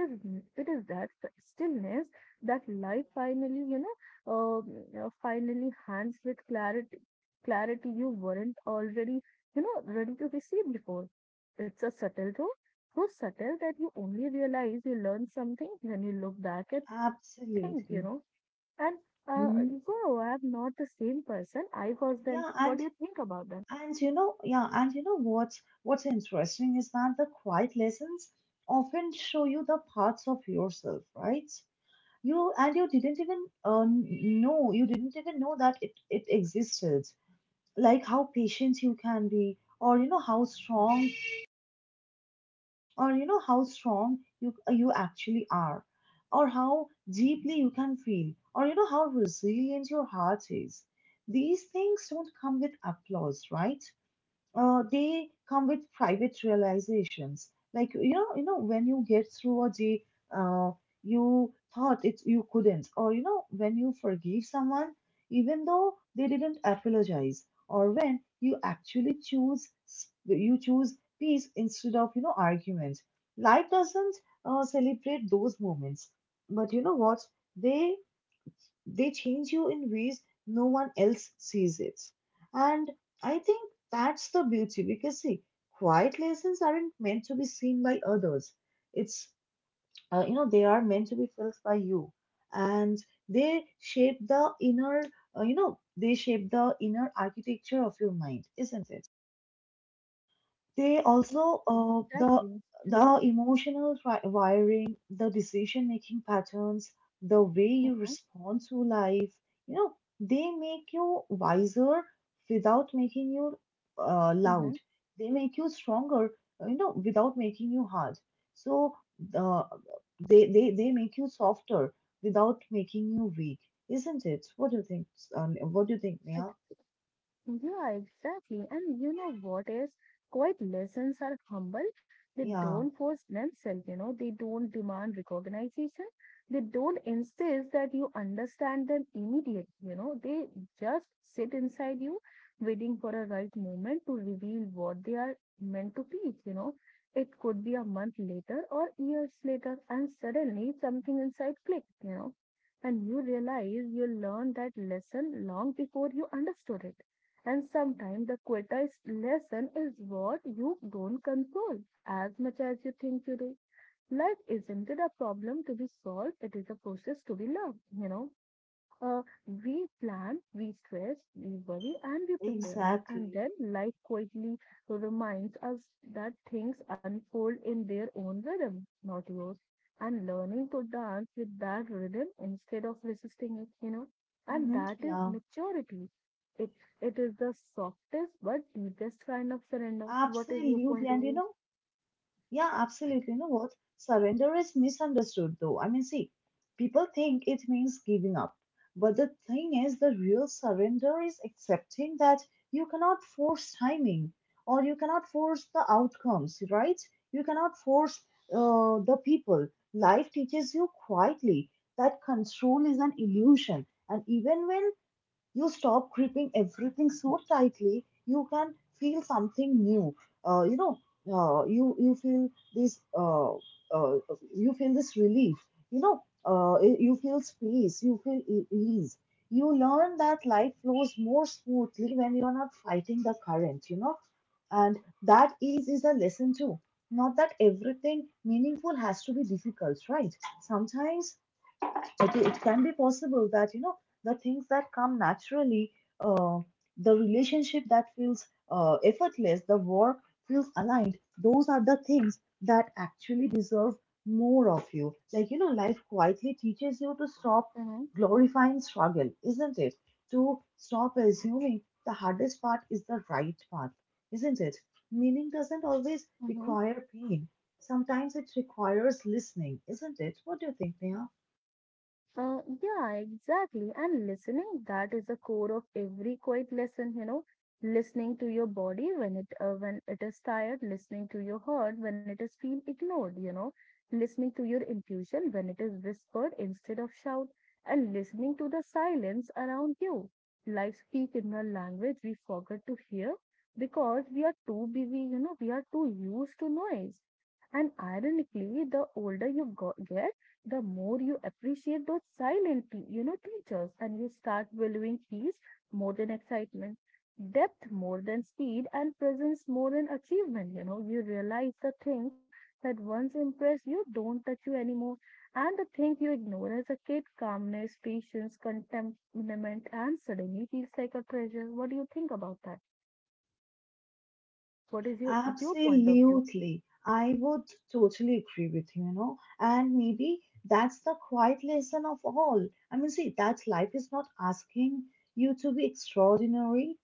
B: it is that stillness that life finally uh, finally hands with clarity clarity you weren't already ready to receive before it's a subtle though so subtle that you only realize you learn something when you look back and think you
A: absolutely.
B: know and uh,
A: hmm
B: wow, I'm not the same person I was then.
A: Yeah,
B: What do you think about that?
A: and you know, yeah, and you know what's interesting is that the quiet lessons often show you the parts of yourself, right? You didn't even know you didn't even know that it existed. Like how patient you can be, or you know how strong, or how strong you actually are, or how deeply you can feel, or you know how resilient your heart is. These things don't come with applause, right? They come with private realizations. Like, you know, when you get through a day, uh, you thought it you couldn't, or you know, when you forgive someone, even though they didn't apologize, or when you actually you choose peace instead of, you know, argument. Life doesn't celebrate those moments, but you know what? They they change you in ways no one else sees it. And I think that's the beauty, because see, quiet lessons aren't meant to be seen by others. It's, you know, they are meant to be felt by you. And they shape the inner architecture of your mind, isn't it? They also,
B: Exactly. Mm-hmm.
A: the emotional wiring, the decision making patterns, the way you
B: Mm-hmm.
A: respond to life, you know, they make you wiser without making you loud.
B: Mm-hmm.
A: They make you stronger, you know, without making you hard. So uh, they make you softer without making you weak, isn't it? What do you think? What do you think, Mia?
B: Yeah, exactly. And you know what is? Quiet lessons are humble. They
A: Yeah,
B: don't force themselves, they don't demand recognition. They don't insist that you understand them immediately, they just sit inside you, waiting for a right moment to reveal what they are meant to teach. It could be a month later or years later, and suddenly something inside clicked, and you realize you learned that lesson long before you understood it and sometimes the greatest lesson is what you don't control as much as you think you do. Life isn't it a problem to be solved, it is a process to be loved. Uh, we plan, we stress, we worry, and we prepare.
A: exactly.
B: And then life quietly reminds us that things unfold in their own rhythm, not yours. And learning to dance with that rhythm instead of resisting it. And
A: Mm-hmm.
B: that is
A: Yeah.
B: maturity. It it is the softest but deepest kind of surrender. What is your
A: Absolutely.
B: point of
A: And you
B: view?
A: know, yeah, absolutely. You know what? Surrender is misunderstood though. I mean, see, people think it means giving up. But the thing is, the real surrender is accepting that you cannot force timing, or you cannot force the outcomes, right? You cannot force the people. Life teaches you quietly that control is an illusion. And even when you stop gripping everything so tightly, you can feel something new. uh, you know you feel this, uh, you feel this relief, you know, you feel space, you feel ease. You learn that life flows more smoothly when you are not fighting the current, you know. And that ease is a lesson too, not that everything meaningful has to be difficult, right? Sometimes it can be possible that, you know, the things that come naturally, uh, the relationship that feels effortless, the work feels aligned, those are the things that actually deserve more of you. Like, you know, life quietly teaches you to stop glorifying struggle, isn't it, to stop assuming the hardest part is the right path, isn't it? Meaning doesn't always
B: Mm-hmm.
A: require pain, sometimes it requires listening, isn't it? What do you think, Neha?
B: Yeah, exactly. And listening, that is the core of every quiet lesson, listening to your body when it is tired, listening to your heart when it is feel ignored, listening to your intuition when it is whispered instead of shout, and listening to the silence around you. Life speak in a language we forget to hear because we are too busy, we are too used to noise. And ironically, the older you get, the more you appreciate those silent, teachers, and you start valuing peace more than excitement, depth more than speed, and presence more than achievement. You realize the thing that once impressed you don't touch you anymore, and the thing you ignore as a kid, calmness, patience, contentment, and suddenly feels like a treasure. What do you think about that? What is your point of view?
A: Absolutely. I would totally agree with you, you know. And maybe that's the quiet lesson of all. I mean, see, that life is not asking you to be extraordinary.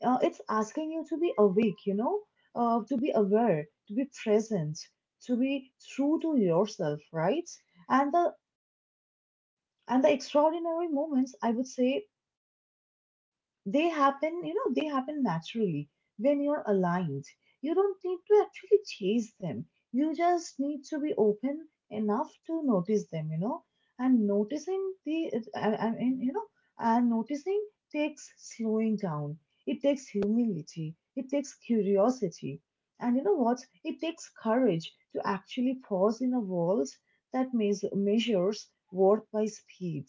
A: It's asking you to be awake, you know, to be aware, to be present, to be true to yourself, right? And the and the extraordinary moments, I would say, they happen, you know, they happen naturally when you're aligned. You don't need to actually chase them. You just need to be open enough to notice them, you know. And noticing the, I mean, you know, and noticing takes slowing down. It takes humility. It takes curiosity. And you know what? It takes courage to actually pause in a world that measures worth by speed.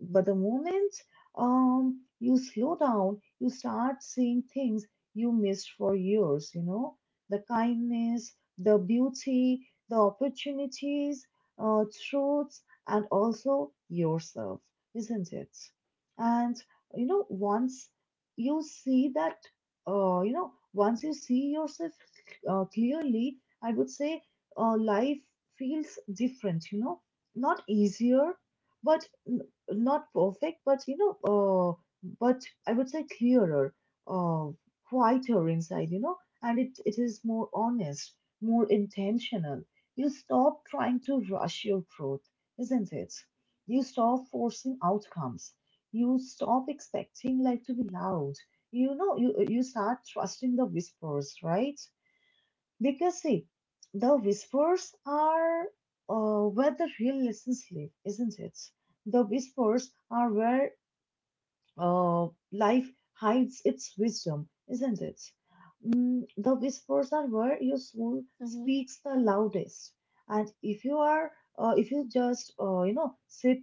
A: But the moment, you slow down, you start seeing things you missed for years, you know, the kindness, the beauty, the opportunities, uh, truths, and also yourself, isn't it? And, you know, you see that, once you see yourself clearly, I would say life feels different, you know, not easier, but not perfect, but you know, but I would say clearer, uh, quieter inside, you know, and it is more honest, more intentional. You stop trying to rush your growth, isn't it? You stop forcing outcomes. You stop expecting life to be loud. You know, you start trusting the whispers, right? Because see, the whispers are where the real lessons live, isn't it? The whispers are where life hides its wisdom, isn't it? Mm, the whispers are where your soul
B: Mm-hmm,
A: speaks the loudest. And if you are, if you just, you know, sit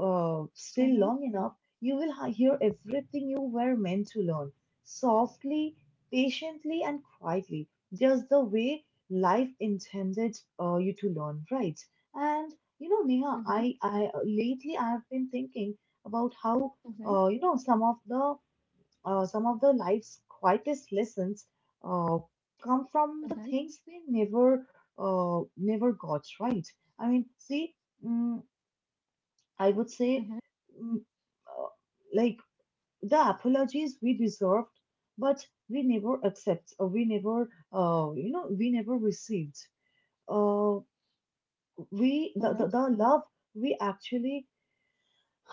A: still
B: mm-hmm,
A: long enough, you will hear everything you were meant to learn, softly, patiently, and quietly, just the way life intended you to learn, right? And you know, Neha,
B: mm-hmm,
A: I lately I have been thinking about how
B: mm-hmm,
A: uh, you know some of the some of the life's quietest lessons uh, come from the
B: mm-hmm,
A: things we never never got right. I mean, see, mm, I would say
B: mm-hmm,
A: mm, uh, like the apologies we deserved, but we never accept, or we never you know, we never received, uh,
B: mm-hmm.
A: the love we actually—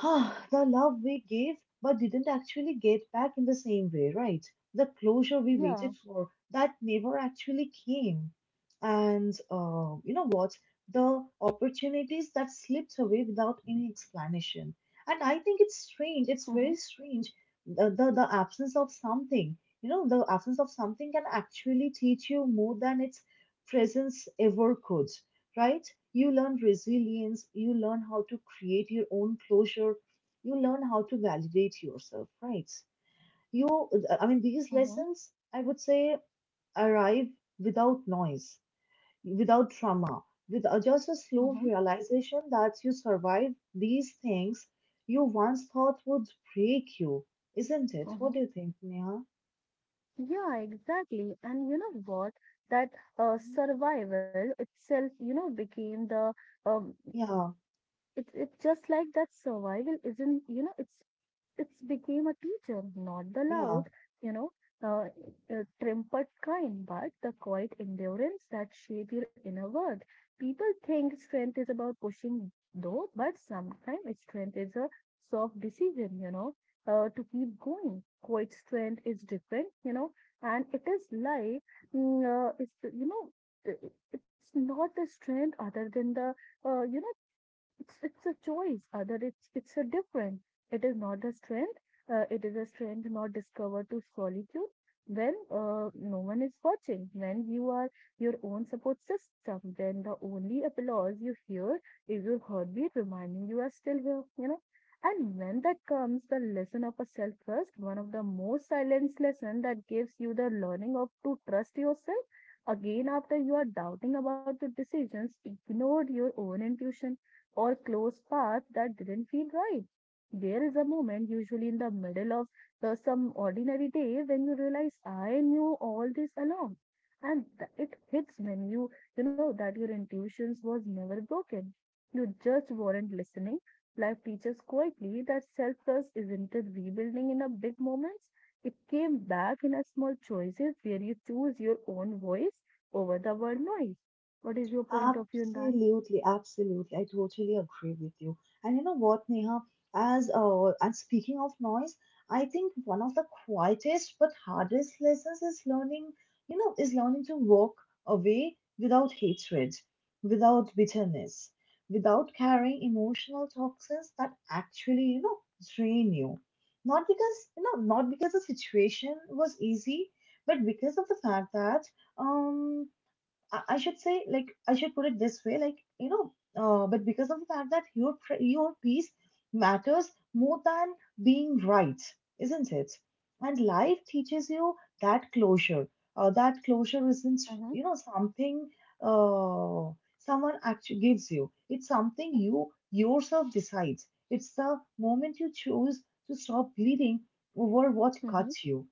A: ah, the love we gave but didn't actually get back in the same way, right? The closure we
B: Yeah.
A: waited for that never actually came. And you know what? The opportunities that slipped away without any explanation. And I think it's strange. It's
B: Mm-hmm,
A: very strange. The absence of something, you know, the absence of something can actually teach you more than its presence ever could, right? You learn resilience, you learn how to create your own closure, you learn how to validate yourself, right? You, I mean, these
B: mm-hmm.
A: lessons, I would say, arrive without noise, without trauma, with just a slow
B: Mm-hmm,
A: realization that you survived these things you once thought would break you, isn't it? What
B: mm-hmm.
A: do you think, Neha?
B: Yeah, exactly. And you know what? That
A: Mhm.
B: survival itself, became the um.
A: Yeah,
B: It just like that survival isn't, it's became a teacher, not the
A: yeah.
B: loud, you know, uh, trumpet kind, but the quiet endurance that shape your inner world. People think strength is about pushing, though, but sometimes strength is a soft decision, to keep going. Quiet strength is different, and it is like, mm, it's, you know, I- it's not the strength other than the, uh, you know, it's it's a choice, other it's a different. It is not a strength. It is a strength not discovered to solitude when no one is watching. When you are your own support system, then the only applause you hear is your heartbeat reminding you are still here. And when that comes, the lesson of a self trust, one of the most silenced lesson that gives you the learning of to trust yourself again after you are doubting about your decisions ignored your own intuition or close path that didn't feel right. There is a moment, usually in the middle of some ordinary day, when you realize I knew all this along. It hits when that your intuitions was never broken. You just weren't listening. Life teaches quietly that self trust isn't a rebuilding in a big moments. It came back in a small choices where you choose your own voice over the world noise. What is your point of view in that?
A: Absolutely, absolutely. I totally agree with you. And you know what, Neha? As and speaking of noise, I think one of the quietest but hardest lessons is learning, you know, is learning to walk away without hatred, without bitterness, without carrying emotional toxins that actually, you know, drain you. Not because, you know, not because the situation was easy, but because of the fact that, um, I should say, like, I should put it this way, like, but because of the fact that your your piece matters more than being right, isn't it? And life teaches you that closure. That closure isn't,
B: Uh-huh,
A: you know, something uh, someone actually gives you. It's something you yourself decides. It's the moment you choose to stop bleeding over what
B: uh-huh,
A: cuts you,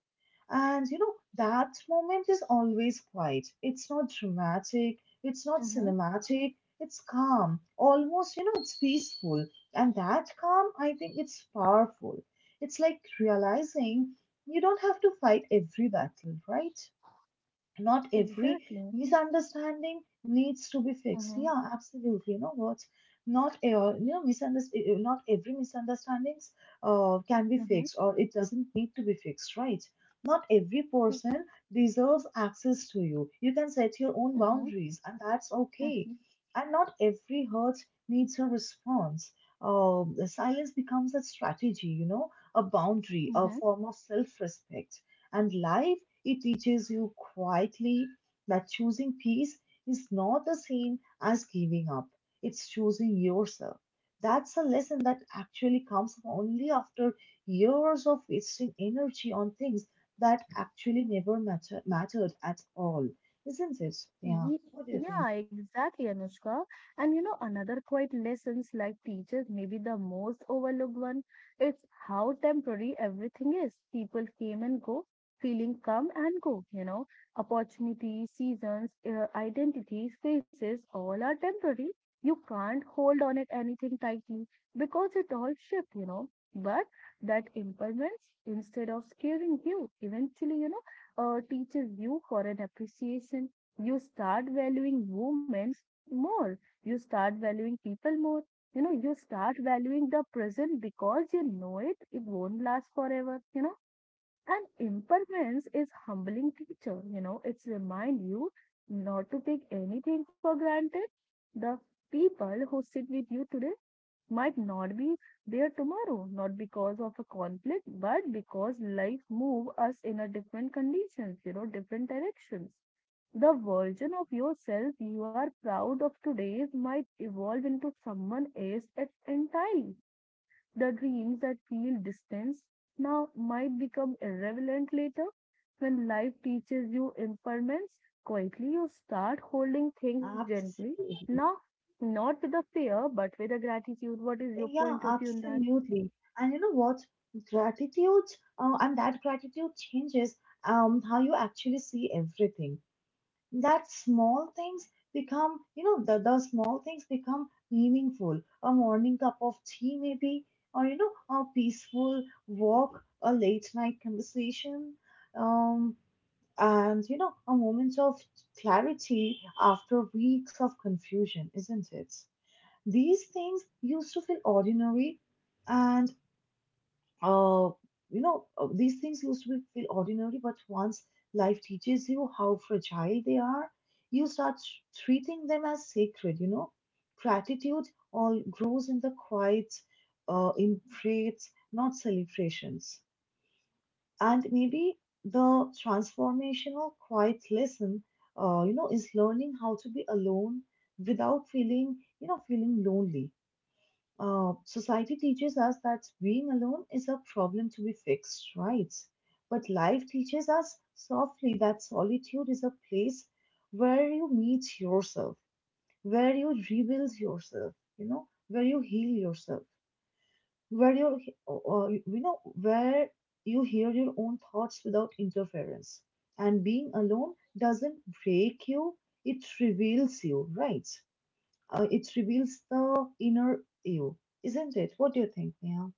A: and you know, that moment is always quiet. It's not dramatic, it's not
B: uh-huh.
A: cinematic, it's calm. Almost, you know, it's peaceful. And that calm, I think it's powerful. It's like realizing you don't have to fight every battle, right? Not every
B: Exactly.
A: misunderstanding needs to be fixed.
B: Uh-huh.
A: Yeah, absolutely. You know what? Not you know misunderstanding. Not every misunderstandings can be
B: Uh-huh.
A: fixed, or it doesn't need to be fixed, right? Not every person deserves access to you. You can set your own
B: Uh-huh.
A: boundaries, and that's okay. And not every hurt needs a response. The silence becomes a strategy, you know, a boundary, a
B: Uh-huh.
A: form of self-respect. And life, it teaches you quietly that choosing peace is not the same as giving up. It's choosing yourself. That's a lesson that actually comes only after years of wasting energy on things that actually never matter- mattered at all. Isn't it? Yeah.
B: Ye-
A: What do you think?
B: Yeah, exactly, Anushka. And you know, another quiet lessons like teachers, maybe the most overlooked one, it's how temporary everything is. People came and go, feeling come and go, you know, opportunities, seasons, identities, faces, all are temporary. You can't hold on it anything tightly because it all shift, you know. But that impermanence, instead of scaring you, eventually, you know, teaches you for an appreciation, you start valuing moments more, you start valuing people more, you know, you start valuing the present because you know it won't last forever, you know. And impermanence is humbling teacher, you know, it's remind you not to take anything for granted. The people who sit with you today might not be there tomorrow, not because of a conflict but because life move us in a different conditions, you know, different directions. The version of yourself you are proud of today might evolve into someone else entirely. The dreams that feel distant now might become irrelevant later. When life teaches you impermanence, quietly you start holding things gently.
A: Absolutely.
B: Now, not with a fear, but with a gratitude. What is your
A: Yeah,
B: point of view on that?
A: absolutely. And you know what? Gratitude, and that gratitude changes, how you actually see everything. That small things become, you know, the small things become meaningful. A morning cup of tea, maybe, or, you know, a peaceful walk, a late night conversation, um, and, you know, a moment of clarity after weeks of confusion, isn't it? These things used to feel ordinary and uh, these things used to be feel ordinary, but once life teaches you how fragile they are, you start treating them as sacred, you know. Gratitude all grows in the quiet, in praise, not celebrations. And maybe the transformational quiet lesson, you know, is learning how to be alone without feeling lonely. Society teaches us that being alone is a problem to be fixed, right? But life teaches us softly that solitude is a place where you meet yourself, where you rebuild yourself, you know, where you heal yourself, where you, you know, where you hear your own thoughts without interference. And being alone doesn't break you; it reveals you, right? It reveals the inner you, isn't it? What do you think, Neha?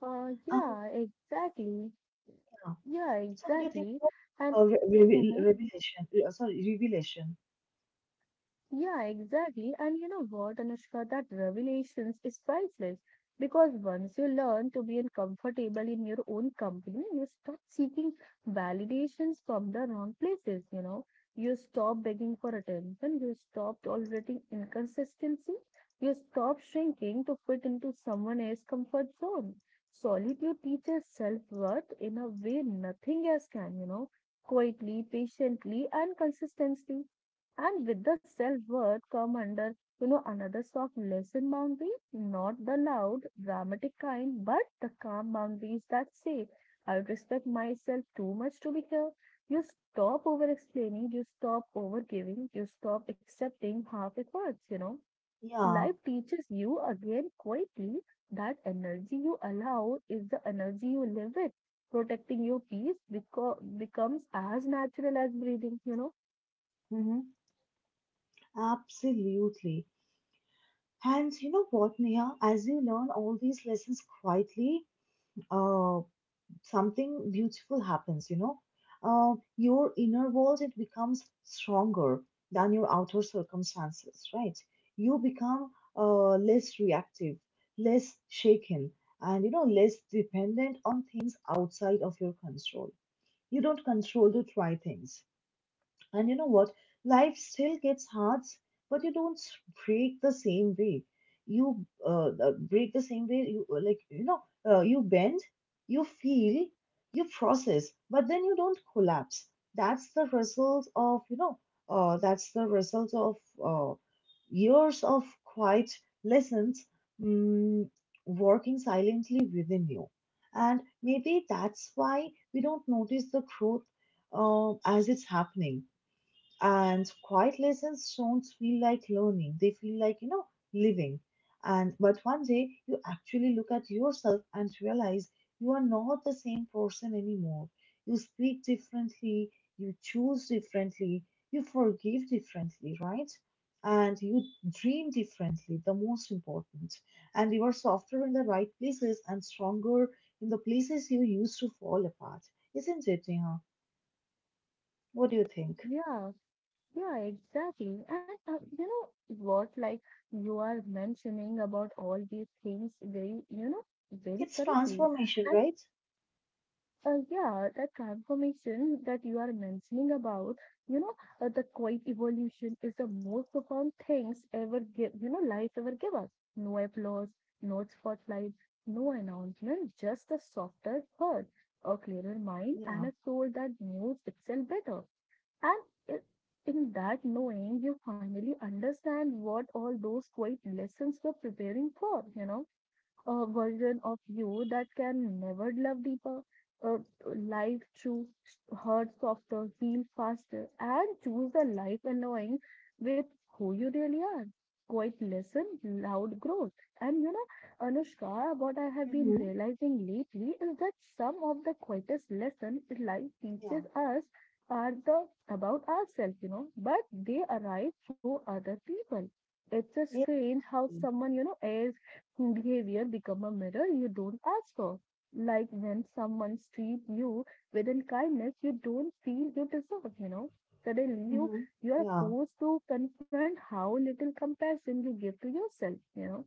A: Um,
B: Yeah, exactly.
A: yeah.
B: Yeah,
A: So, what do you think
B: exactly.
A: of
B: And
A: revelation? Sorry, revelation.
B: Yeah, exactly. And you know what, Anushka, that revelations is priceless because once you learn to be uncomfortable in your own company, you stop seeking validations from the wrong places, you know. You stop begging for attention, you stop tolerating inconsistency, you stop shrinking to fit into someone else's comfort zone. Solitude teaches self-worth in a way nothing else can, you know, quietly, patiently, and consistently. And with the self-worth come under, you know, another soft lesson boundary, not the loud, dramatic kind, but the calm boundaries that say, I respect myself too much to be here. You stop over explaining, you stop over giving, you stop accepting half efforts, you know.
A: Yeah.
B: Life teaches you again quietly that energy you allow is the energy you live with. Protecting your peace becomes as natural as breathing, you know.
A: Mm-hmm. Absolutely. And you know what, Neha? As you learn all these lessons quietly, uh, something beautiful happens, you know. Your inner world, it becomes stronger than your outer circumstances, right? You become, less reactive, less shaken, and, you know, less dependent on things outside of your control. You don't control to try things. And you know what? Life still gets hard, but you don't s- break the same way. You break the same way. You like you know you bend, you feel, you process, but then you don't collapse. That's the result of, uh, that's the result of uh, years of quiet lessons, mm, working silently within you. And maybe that's why we don't notice the growth as it's happening, and quiet lessons don't feel like learning. They feel like, you know, living. And but one day you actually look at yourself and realize you are not the same person anymore. You speak differently, you choose differently, you forgive differently, right? And you dream differently, the most important. And you are softer in the right places and stronger in the places you used to fall apart. Isn't it, Neha? What do you think?
B: Yeah. Yeah, exactly. And you know what, like, you are mentioning about all these things very, you know, very
A: It's
B: correctly.
A: transformation,
B: And
A: right?
B: yeah, the transformation that you are mentioning about, you know, the quiet evolution is the most profound things ever give, you know, life ever give us. No applause, no spotlight, no announcement, just a softer heart, a clearer mind, and
A: Yeah.
B: a soul that knows itself better. And i- in that knowing, you finally understand what all those quiet lessons were preparing for, you know, a version of you that can never love deeper, uh, life through hurt softer, heal faster, and choose the life annoying with who you really are. Quite lesson, loud growth. And you know, Anushka, what I have been
A: Mm-hmm.
B: realizing lately is that some of the quietest lessons life
A: Yeah.
B: teaches us are the about ourselves, you know, but they arrive through other people. It's a strange how
A: Agree.
B: someone, you know, airs behavior become a mirror you don't ask for. Like when someone treats you with kindness you don't feel you deserve, you know. Suddenly you
A: Mm-hmm.
B: you are
A: Yeah.
B: forced to confront how little compassion you give to yourself, you know.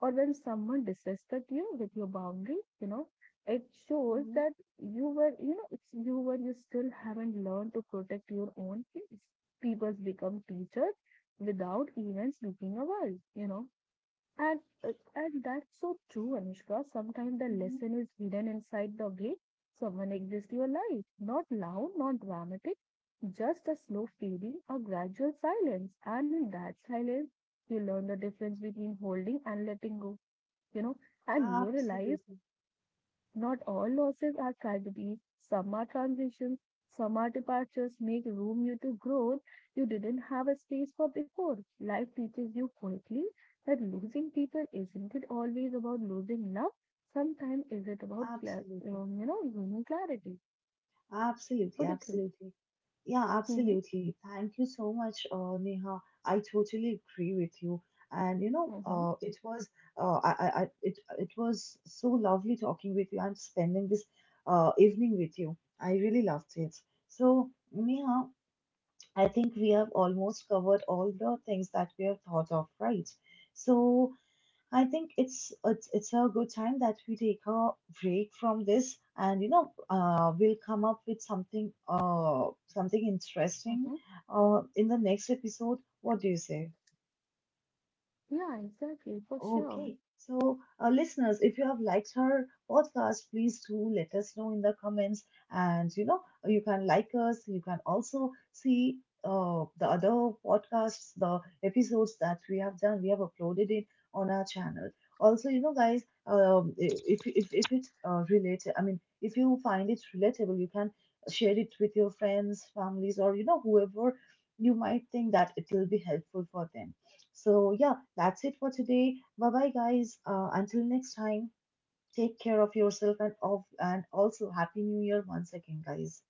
B: Or when someone disrespects you with your boundary, you know, it shows
A: Mm-hmm.
B: that you were, you know, it's you were you still haven't learned to protect your own peace. People become teachers without even speaking a word, you know. And, and that's so true, Anushka. Sometimes the
A: Mm-hmm.
B: lesson is hidden inside the way someone exits your life. Not loud, not dramatic, just a slow fading, a gradual silence. And in that silence, you learn the difference between holding and letting go, you know, and you realize
A: Absolutely.
B: not all losses are tragedies. Some are transitions, some are departures. Make room you to growth you didn't have a space for before. Life teaches you quietly that losing people isn't it always about losing love. Sometimes is it about
A: Absolutely.
B: you know, gaining clarity. What
A: Absolutely.
B: do you think?
A: Absolutely. Yeah,
B: Mm-hmm,
A: absolutely. Thank you so much, Neha. I totally agree with you. And you know,
B: mm-hmm,
A: it was, it was so lovely talking with you and spending this, evening with you. I really loved it. So, Neha, I think we have almost covered all the things that we have thought of, right? So, I think it's a good time that we take a break from this, and you know, we'll come up with something interesting,
B: mm-hmm.
A: uh, in the next episode. What do you say?
B: Yeah, exactly, for sure.
A: Okay. So, listeners, if you have liked her podcast, please do let us know in the comments. And, you know, you can like us. You can also see, the other podcasts, the episodes that we have done. We have uploaded it on our channel. Also, you know, guys, if it's, related, I mean, if you find it relatable, you can share it with your friends, families, or, you know, whoever you might think that it will be helpful for them. So, yeah, that's it for today. Bye bye, guys. Until next time, take care of yourself and, and also Happy New Year once again, guys.